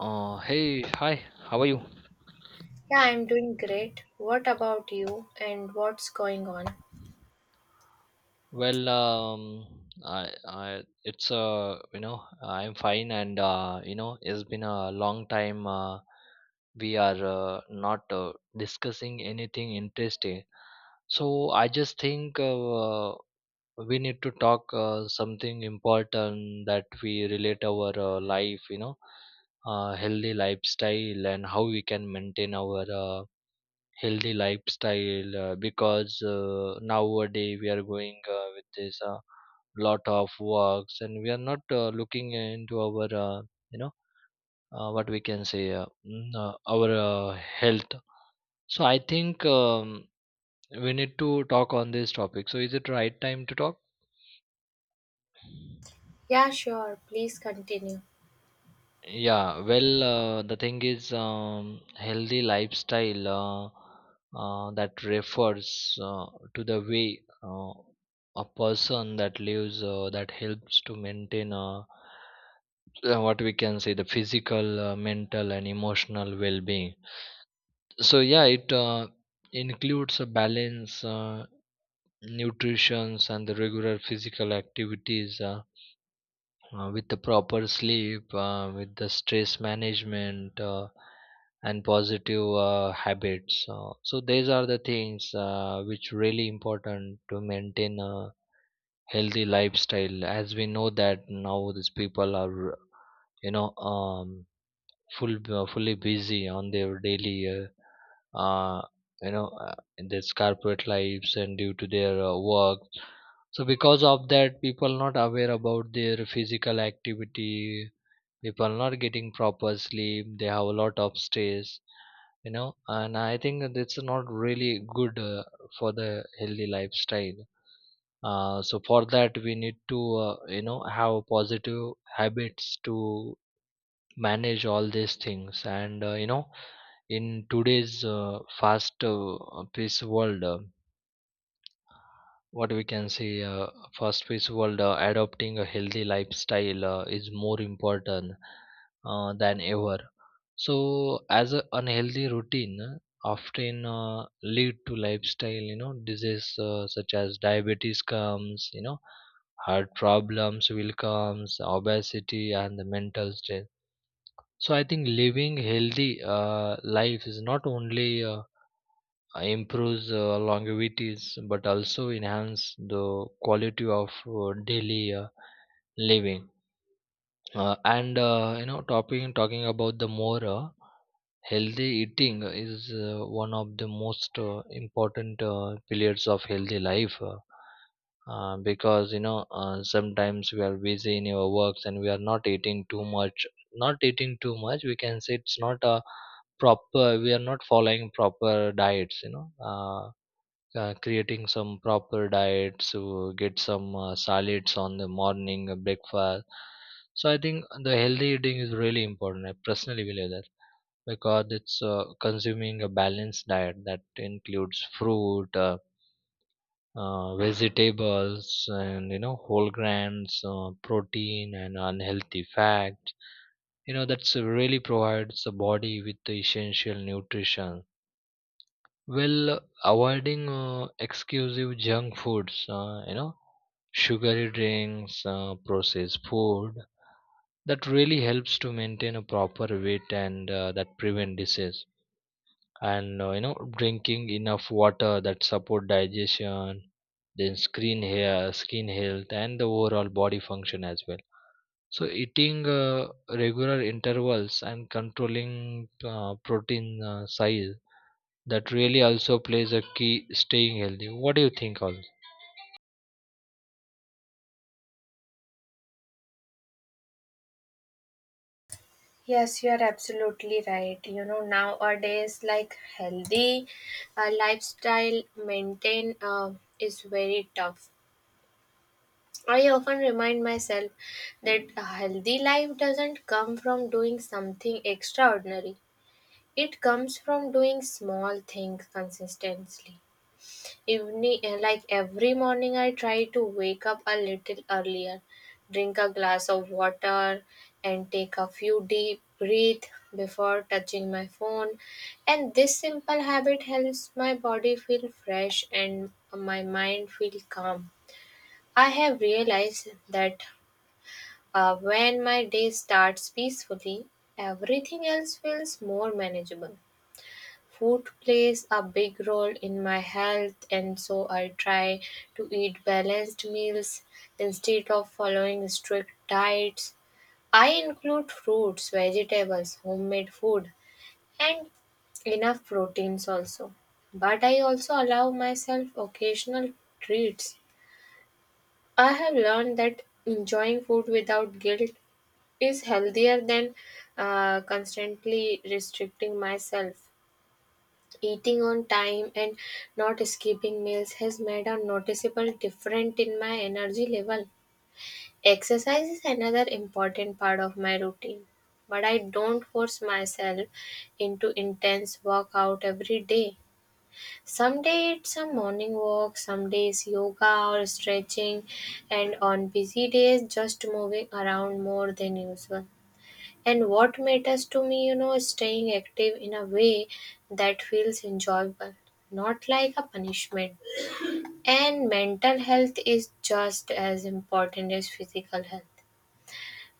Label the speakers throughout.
Speaker 1: Hey, hi, how are you?
Speaker 2: Yeah, I'm doing great. What about you and what's going on?
Speaker 1: Well, I it's I'm fine, and it's been a long time. We are not discussing anything interesting, so I just think we need to talk something important that we relate our life, healthy lifestyle, and how we can maintain our healthy lifestyle, because nowadays we are going with this lot of works, and we are not looking into our you know what we can say, our health. So I think we need to talk on this topic. So is it right time to talk?
Speaker 2: Yeah, sure. Please continue.
Speaker 1: Yeah, well, the thing is, healthy lifestyle, that refers to the way a person that lives that helps to maintain, what we can say, the physical, mental, and emotional well-being. So yeah, it includes a balance, nutrition, and the regular physical activities. With the proper sleep, with the stress management, and positive habits. So these are the things which really important to maintain a healthy lifestyle. As we know that now these people are, you know, um, fully busy on their daily. Uh, in this corporate lives and due to their work. So because of that, people not aware about their physical activity. People are not getting proper sleep. They have a lot of stress, and I think that it's not really good for the healthy lifestyle. So for that, we need to have positive habits to manage all these things. And in today's fast pace world, what we can say, fast paced world, adopting a healthy lifestyle is more important than ever. So, as a unhealthy routine often lead to lifestyle, disease such as diabetes comes, heart problems will comes, obesity, and the mental stress. So, I think living healthy life is not only improves longevities, but also enhance the quality of daily living. Talking about the more. Healthy eating is one of the most important pillars of healthy life, because sometimes we are busy in our works and we are not eating too much. Not eating too much, we can say it's not a proper, we are not following proper diets, creating some proper diets to get some solids on the morning breakfast. So I think the healthy eating is really important. I personally believe that, because it's consuming a balanced diet that includes fruit, vegetables, and whole grains, protein, and unhealthy fat, that's really provides the body with the essential nutrition, well avoiding exclusive junk foods, sugary drinks, processed food, that really helps to maintain a proper weight and that prevent disease. And drinking enough water that support digestion, then skin, hair, skin health, and the overall body function as well. So eating regular intervals and controlling protein size, that really also plays a key staying healthy. What do you think all?
Speaker 2: Yes, you are absolutely right. You know, nowadays, like healthy lifestyle maintain is very tough. I often remind myself that a healthy life doesn't come from doing something extraordinary. It comes from doing small things consistently. Like every morning, I try to wake up a little earlier, drink a glass of water, and take a few deep breaths before touching my phone. And this simple habit helps my body feel fresh and my mind feel calm. I have realized that when my day starts peacefully, everything else feels more manageable. Food plays a big role in my health, and so I try to eat balanced meals instead of following strict diets. I include fruits, vegetables, homemade food, and enough proteins also. But I also allow myself occasional treats. I have learned that enjoying food without guilt is healthier than constantly restricting myself. Eating on time and not skipping meals has made a noticeable difference in my energy level. Exercise is another important part of my routine, but I don't force myself into intense workout every day. Some day it's a morning walk, some days yoga or stretching, and on busy days just moving around more than usual. And what matters to me, you know, is staying active in a way that feels enjoyable, not like a punishment. And mental health is just as important as physical health.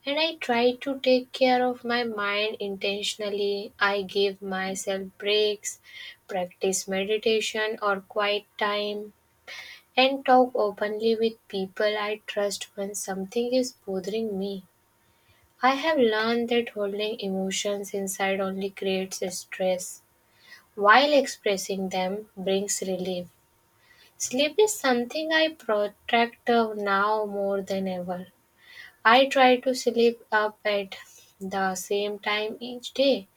Speaker 2: And I try to take care of my mind intentionally. I give myself breaks, practice meditation or quiet time, and talk openly with people I trust when something is bothering me. I have learned that holding emotions inside only creates stress, while expressing them brings relief. Sleep is something I protect now more than ever. I try to sleep up at the same time each day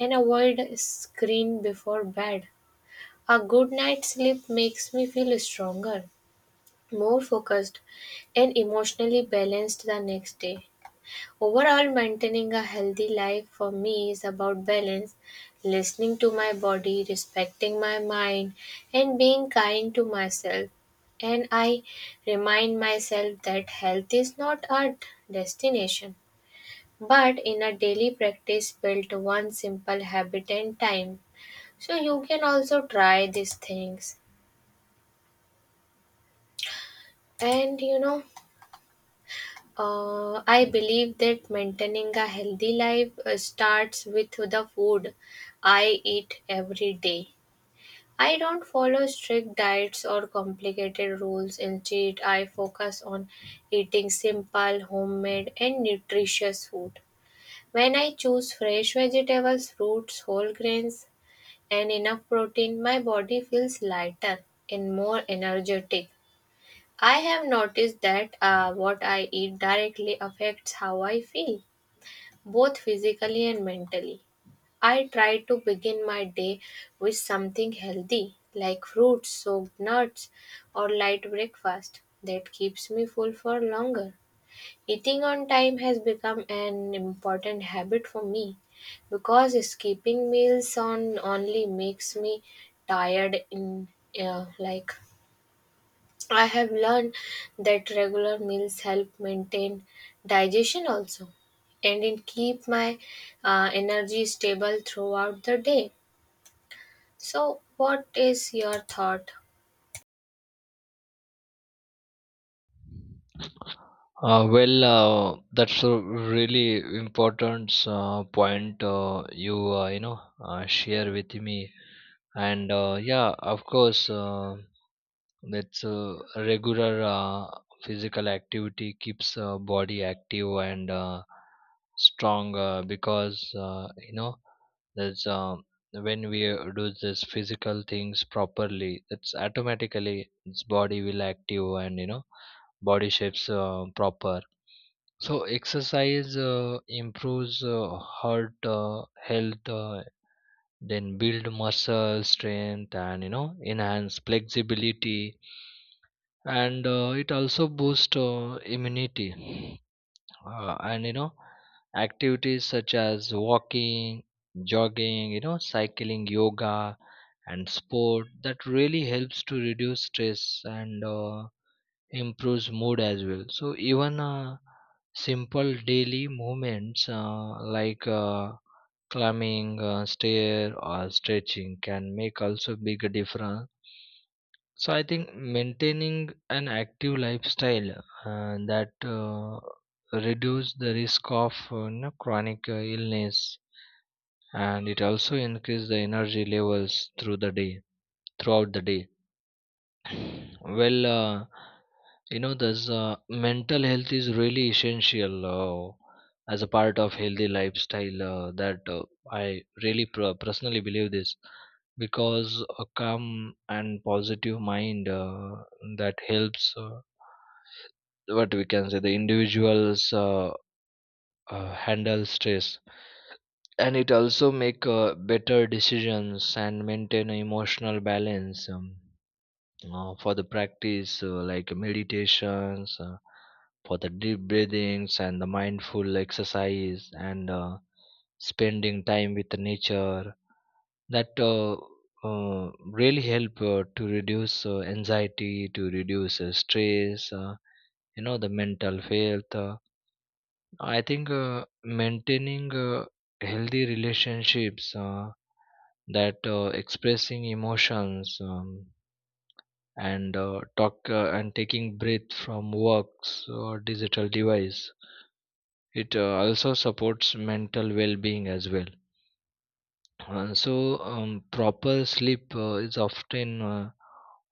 Speaker 2: and avoid screen before bed. A good night's sleep makes me feel stronger, more focused, and emotionally balanced the next day. Overall, maintaining a healthy life for me is about balance, listening to my body, respecting my mind, and being kind to myself. And I remind myself that health is not a destination, but in a daily practice built one simple habit and time. So you can also try these things. And I believe that maintaining a healthy life starts with the food I eat every day. I don't follow strict diets or complicated rules. Instead, I focus on eating simple, homemade, and nutritious food. When I choose fresh vegetables, fruits, whole grains, and enough protein, my body feels lighter and more energetic. I have noticed that what I eat directly affects how I feel, both physically and mentally. I try to begin my day with something healthy, like fruits, soaked nuts, or light breakfast. That keeps me full for longer. Eating on time has become an important habit for me because skipping meals on only makes me tired in uh, like I have learned that regular meals help maintain digestion also, and it keep my energy stable throughout the day. So, what is your thought?
Speaker 1: Well, that's a really important point you you know share with me, and yeah, of course, that's regular physical activity keeps body active and strong, because that's, when we do this physical things properly, that's automatically its body will active, and body shapes proper. So exercise improves heart health, then build muscle strength and enhance flexibility. And it also boosts immunity. And activities such as walking, jogging, cycling, yoga, and sport, that really helps to reduce stress and improves mood as well. So even simple daily movements like climbing stair or stretching can make also big difference. So I think maintaining an active lifestyle that reduce the risk of chronic illness, and it also increase the energy levels through the day, throughout the day. Well, this mental health is really essential as a part of healthy lifestyle. That I really personally believe this, because a calm and positive mind that helps what we can say the individuals handle stress, and it also make better decisions and maintain emotional balance. For the practice like meditations, for the deep breathings and the mindful exercise, and spending time with the nature, that really help to reduce anxiety, to reduce stress. The mental health, I think maintaining healthy relationships, that expressing emotions, and talk, and taking breath from works or digital device, it also supports mental well-being as well. Uh, so Proper sleep is often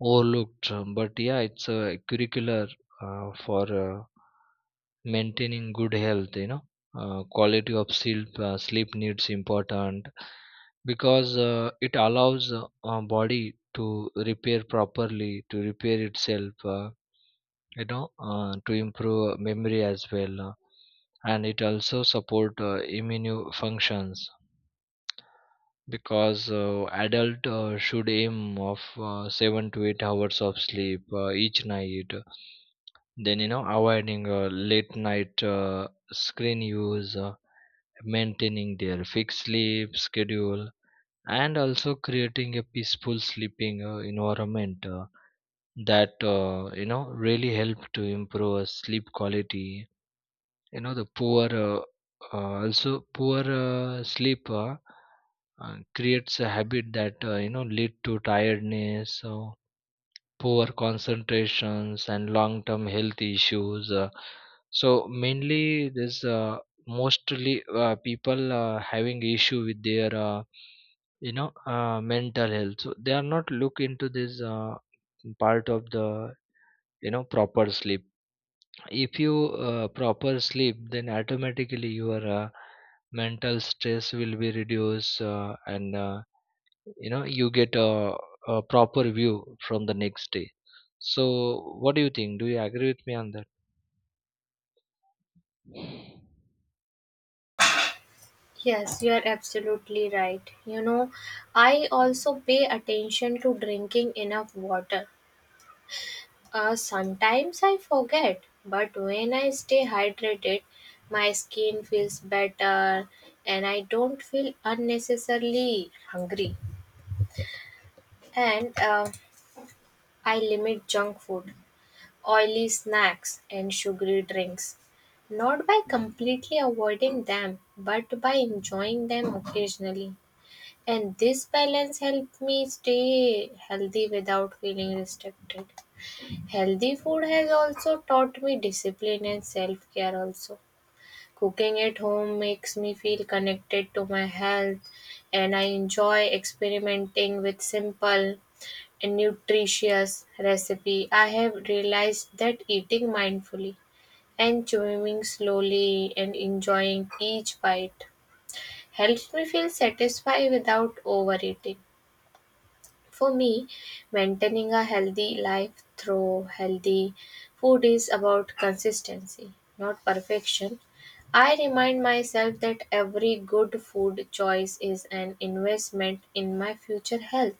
Speaker 1: overlooked, but yeah it's a curricular for maintaining good health. Quality of sleep, sleep needs important, because it allows body to repair properly, to repair itself, to improve memory as well, and it also support immune functions, because adult should aim of 7 to 8 hours of sleep each night. Then avoiding late night screen use, maintaining their fixed sleep schedule, and also creating a peaceful sleeping environment, that you know really help to improve sleep quality. The poor, also poor sleep creates a habit that lead to tiredness, so poor concentrations and long term health issues. So mainly this Mostly people having issue with their mental health, so they are not look into this part of the proper sleep. If you proper sleep, then automatically your mental stress will be reduced, and you know you get a proper view from the next day. So, what do you think? Do you agree with me on that?
Speaker 2: Yes, you are absolutely right. You know, I also pay attention to drinking enough water. Sometimes I forget, but when I stay hydrated, my skin feels better and I don't feel unnecessarily hungry. And I limit junk food, oily snacks, and sugary drinks. Not by completely avoiding them, but by enjoying them occasionally. And this balance helped me stay healthy without feeling restricted. Healthy food has also taught me discipline and self care, also. Cooking at home makes me feel connected to my health, and I enjoy experimenting with simple nutritious recipe. I have realized that eating mindfully and chewing slowly and enjoying each bite helps me feel satisfied without overeating. For me, maintaining a healthy life through healthy food is about consistency, not perfection. I remind myself that every good food choice is an investment in my future health.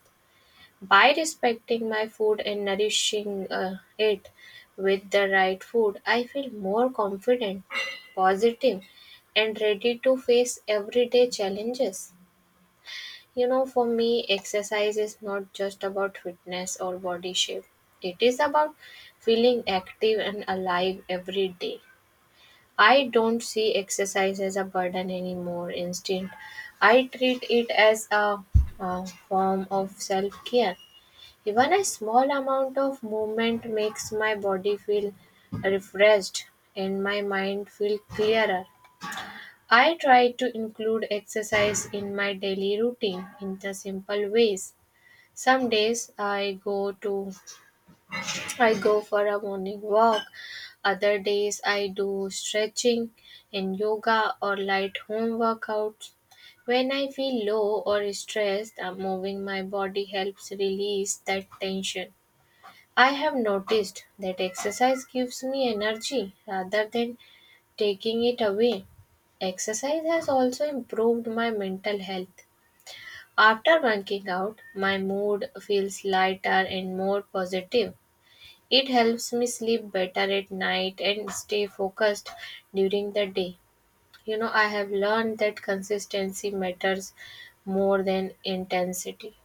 Speaker 2: By respecting my food and nourishing it with the right food, I feel more confident, positive, and ready to face everyday challenges. You know, for me, exercise is not just about fitness or body shape, it is about feeling active and alive every day. I don't see exercise as a burden anymore. Instead, I treat it as a form of self care. Even a small amount of movement makes my body feel refreshed and my mind feel clearer. I try to include exercise in my daily routine in the simple ways. Some days I go for a morning walk. Other days I do stretching and yoga or light home workouts. When I feel low or stressed, moving my body helps release that tension. I have noticed that exercise gives me energy rather than taking it away. Exercise has also improved my mental health. After working out, my mood feels lighter and more positive. It helps me sleep better at night and stay focused during the day. You know, I have learned that consistency matters more than intensity.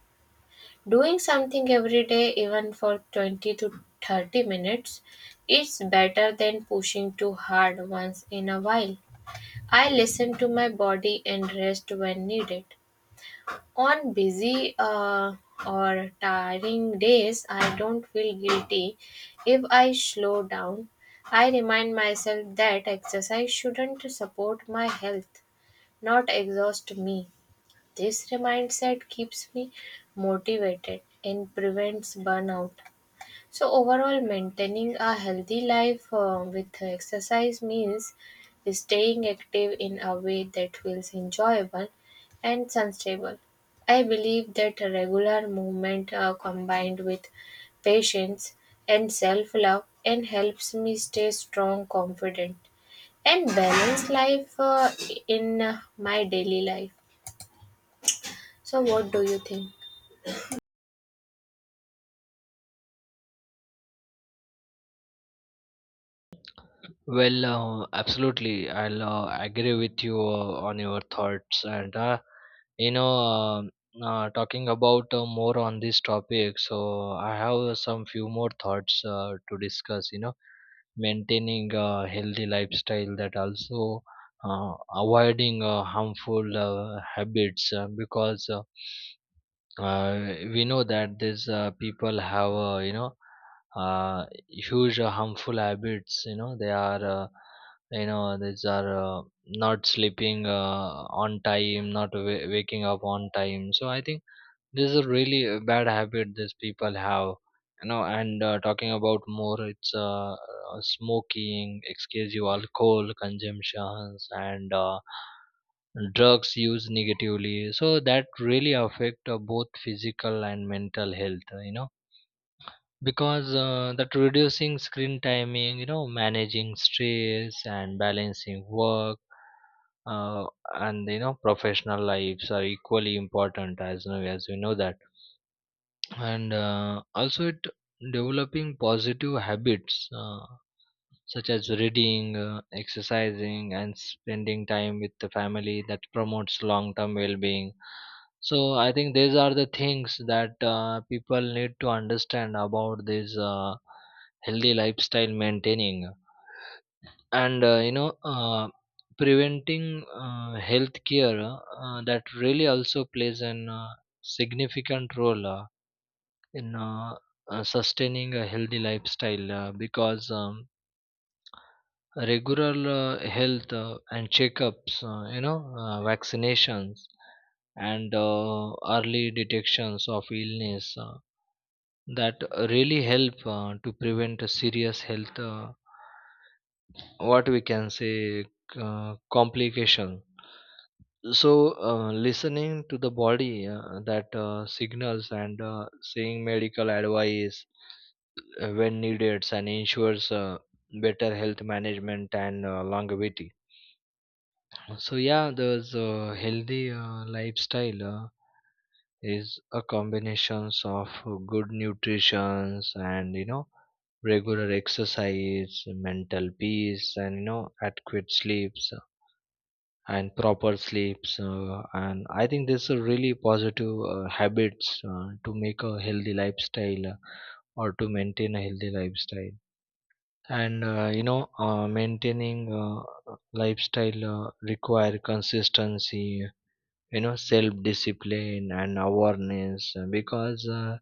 Speaker 2: Doing something every day, even for 20 to 30 minutes, is better than pushing too hard once in a while. I listen to my body and rest when needed. On busy or tiring days, I don't feel guilty if I slow down. I remind myself that exercise shouldn't support my health, not exhaust me. This mindset keeps me motivated and prevents burnout. So, overall, maintaining a healthy life with exercise means staying active in a way that feels enjoyable and sustainable. I believe that regular movement combined with patience and self love and helps me stay strong, confident, and balanced life in my daily life. So, what do you think?
Speaker 1: Well, absolutely. I'll agree with you on your thoughts. And, you know, um talking about more on this topic, so I have some few more thoughts to discuss, maintaining a healthy lifestyle, that also avoiding harmful habits, because we know that these people have, huge harmful habits. They are, these are not sleeping on time, not waking up on time. So I think this is a really bad habit these people have. And talking about more, it's smoking, excessive alcohol consumptions, and drugs use negatively, so that really affect both physical and mental health. Because that reducing screen timing, managing stress, and balancing work, uh, and you know professional lives are equally important, as know as we know that. And also it developing positive habits, such as reading, exercising, and spending time with the family, that promotes long term well being. So, I think these are the things that people need to understand about this healthy lifestyle maintaining, and preventing health care, that really also plays an significant role in, sustaining a healthy lifestyle, because regular health and checkups, vaccinations, and early detections of illness, that really help to prevent a serious health, what we can say, complication. So listening to the body, that signals, and seeing medical advice when needed, and ensures better health management and longevity. So yeah, there's a healthy lifestyle is a combinations of good nutritions, and regular exercise, mental peace, and adequate sleeps and proper sleeps. And I think this are really positive habits to make a healthy lifestyle or to maintain a healthy lifestyle. And maintaining lifestyle require consistency, you know, self discipline and awareness, because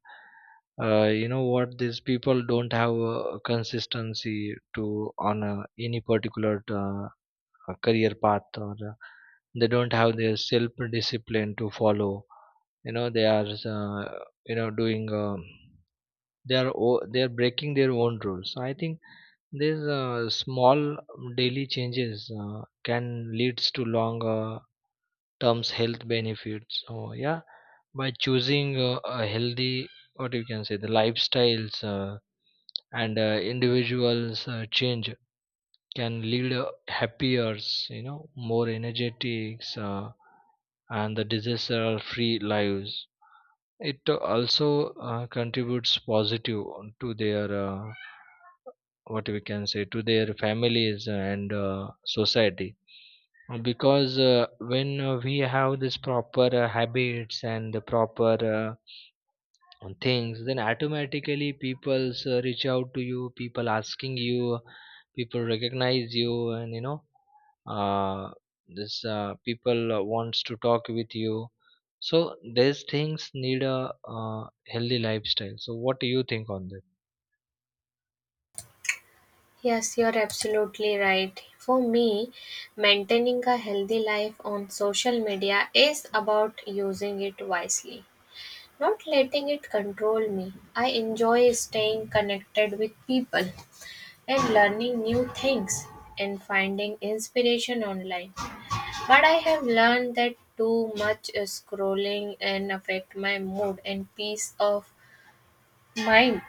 Speaker 1: you know what, these people don't have a consistency to on any particular a career path, or they don't have their self discipline to follow. You know, they are uh, doing, they are they are breaking their own rules. So I think these small daily changes can leads to longer terms health benefits. So yeah, by choosing a healthy, what you can say, the lifestyles, and individuals change can lead happier, you know, more energetics, and the disaster free lives. It also contributes positive to their, what we can say, to their families and society. Because when we have this proper habits and the proper on things, then automatically people reach out to you, people asking you, people recognize you, and you know, uh, this people wants to talk with you. So these things need a uh, healthy lifestyle. So what do you think on that?
Speaker 2: Yes, you're absolutely right. For me, maintaining a healthy life on social media is about using it wisely, not letting it control me. I enjoy staying connected with people and learning new things and finding inspiration online. But I have learned that too much scrolling can affect my mood and peace of mind.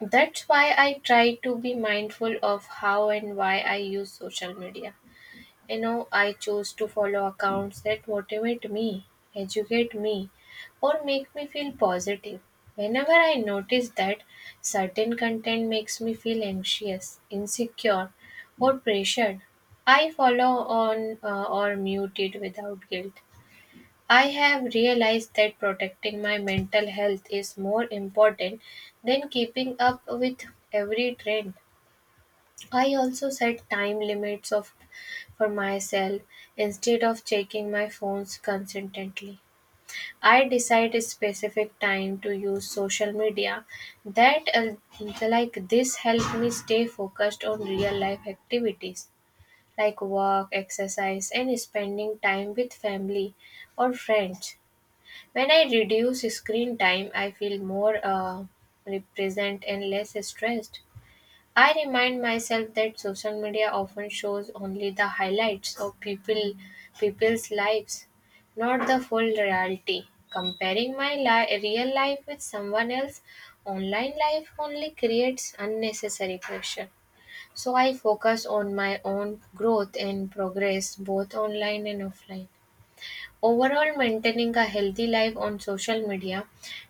Speaker 2: That's why I try to be mindful of how and why I use social media. You know, I choose to follow accounts that motivate me, educate me, or make me feel positive. Whenever I notice that certain content makes me feel anxious, insecure, or pressured, I follow on or mute it without guilt. I have realized that protecting my mental health is more important than keeping up with every trend. I also set time limits of for myself instead of checking my phones constantly. I decide a specific time to use social media. That like This help me stay focused on real life activities like work, exercise, and spending time with family or friends. When I reduce screen time, I feel more represent and less stressed. I remind myself that social media often shows only the highlights of people's lives, not the full reality. Comparing my real life with someone else's online life only creates unnecessary pressure. So I focus on my own growth and progress both online and offline. Overall, maintaining a healthy life on social media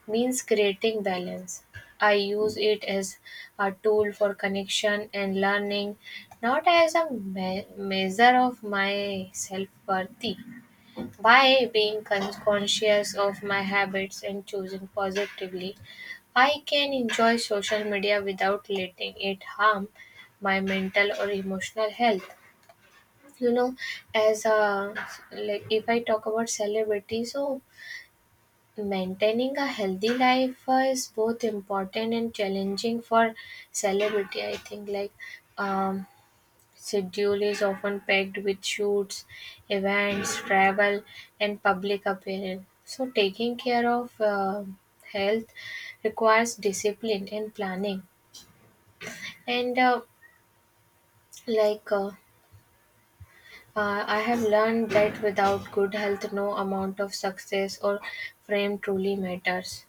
Speaker 2: means creating balance. I use it as a tool for connection and learning, not as a measure of my self worth. By being conscious of my habits and choosing positively, I can enjoy social media without letting it harm my mental or emotional health. You know, as a, like, if I talk about celebrity, so maintaining a healthy life is both important and challenging for celebrity. I think, like, um schedule is often packed with shoots, events, travel, and public appearance. So taking care of health requires discipline and planning, and like uh, I have learned that without good health, no amount of success or fame truly matters.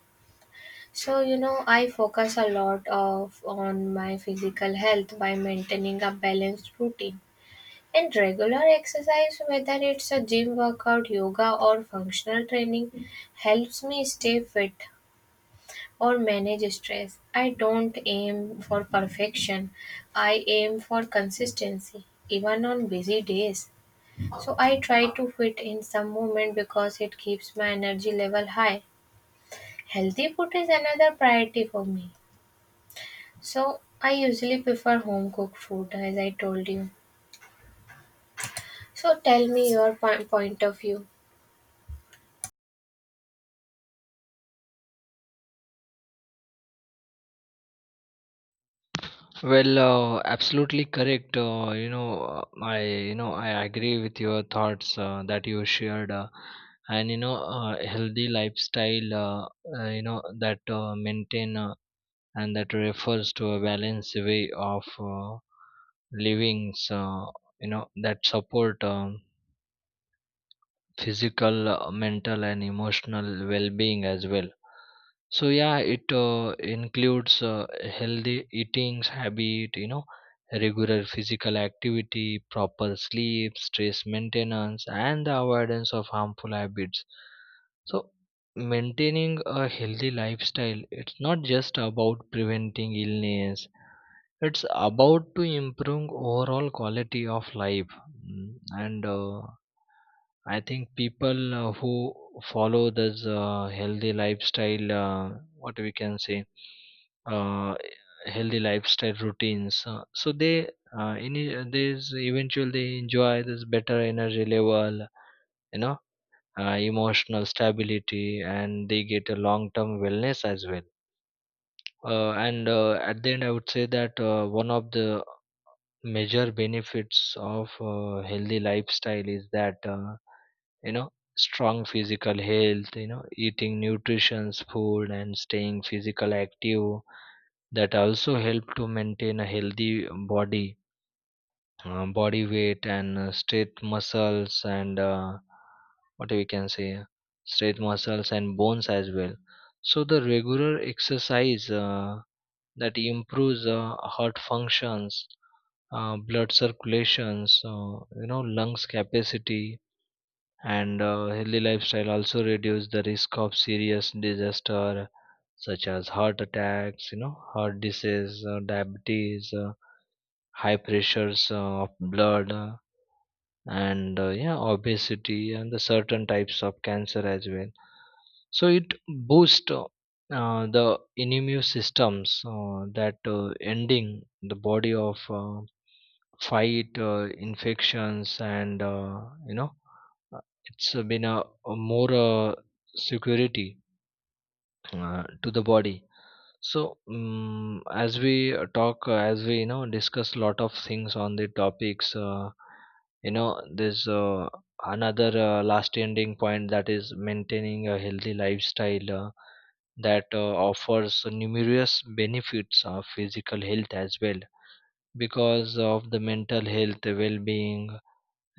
Speaker 2: So, you know, I focus a lot of on my physical health by maintaining a balanced routine and regular exercise, whether it's a gym workout, yoga, or functional training, helps me stay fit or manage stress. I don't aim for perfection, I aim for consistency, even on busy days. So I try to fit in some movement because it keeps my energy level high. Healthy food is another priority for me. So I usually prefer home cooked food as I told you. So tell me your point of view.
Speaker 1: Well, absolutely correct, I you know, I agree with your thoughts that you shared, and you know healthy lifestyle, you know that maintain, and that refers to a balanced way of living. So you know that support, physical, mental and emotional well-being as well. So yeah, it includes healthy eating habit, you know, regular physical activity, proper sleep, stress maintenance and the avoidance of harmful habits. So maintaining a healthy lifestyle, it's not just about preventing illness, it's about to improve overall quality of life. Mm, and I think people who follow this healthy lifestyle, what we can say, uh, healthy lifestyle routines, so they in they eventually they enjoy this better energy level, you know, emotional stability, and they get a long term wellness as well. And at the end I would say that, one of the major benefits of healthy lifestyle is that, you know, strong physical health, you know, eating nutritious food and staying physical active, that also help to maintain a healthy body, body weight and straight muscles and what we can say, straight muscles and bones as well. So the regular exercise, that improves heart functions, blood circulations, you know, lungs capacity, and healthy lifestyle also reduce the risk of serious disaster such as heart attacks, you know, heart disease, diabetes, high pressures of blood, and yeah, obesity, and the certain types of cancer as well. So it boosts, the immune systems that ending the body of fight infections, and you know, it's been a more security to the body. So as we, you know, discuss a lot of things on the topics, you know, there's another last ending point, that is maintaining a healthy lifestyle, that offers numerous benefits of physical health as well, because of the mental health well-being,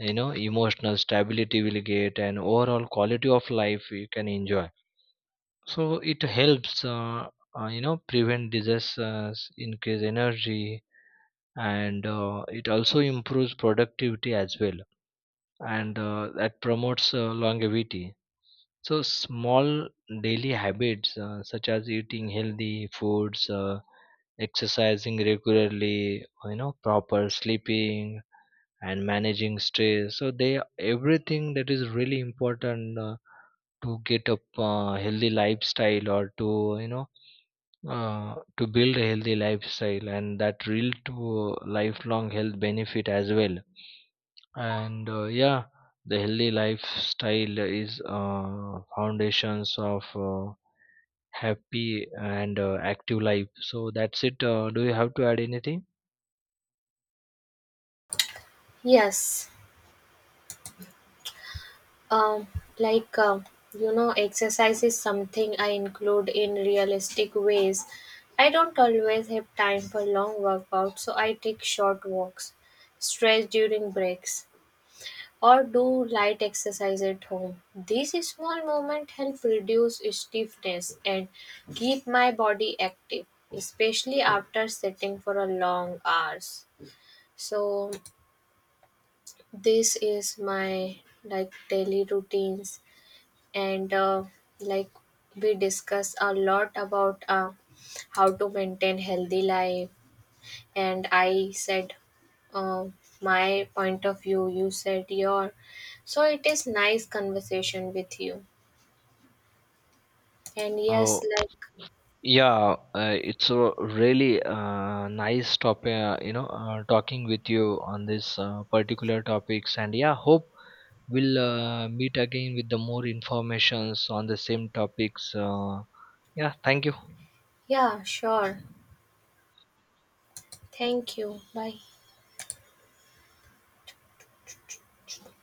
Speaker 1: you know, emotional stability will get, and overall quality of life you can enjoy. So it helps you know, prevent disasters, increase energy, and it also improves productivity as well, and that promotes longevity. So small daily habits such as eating healthy foods, exercising regularly, you know, proper sleeping, and managing stress, so they everything that is really important to get a healthy lifestyle, or to, you know, to build a healthy lifestyle, and that real to lifelong health benefit as well. And yeah, the healthy lifestyle is foundations of happy and active life. So that's it. Do you have to add anything?
Speaker 2: Yes, um, like um, you know, exercise is something I include in realistic ways. I don't always have time for long workouts, so I take short walks, stretch during breaks, or do light exercise at home. These small movements help reduce stiffness and keep my body active, especially after sitting for a long hours. So this is my like daily routines and like we discuss a lot about how to maintain healthy life and I said uh, my point of view, you said your. So it is nice conversation with you. And yes,
Speaker 1: Oh,
Speaker 2: like,
Speaker 1: yeah, it's a really nice topic, talking with you on this particular topics. And yeah, hope we'll meet again with the more informations on the same topics. Yeah, thank you.
Speaker 2: yeah, sure. Thank you. Bye.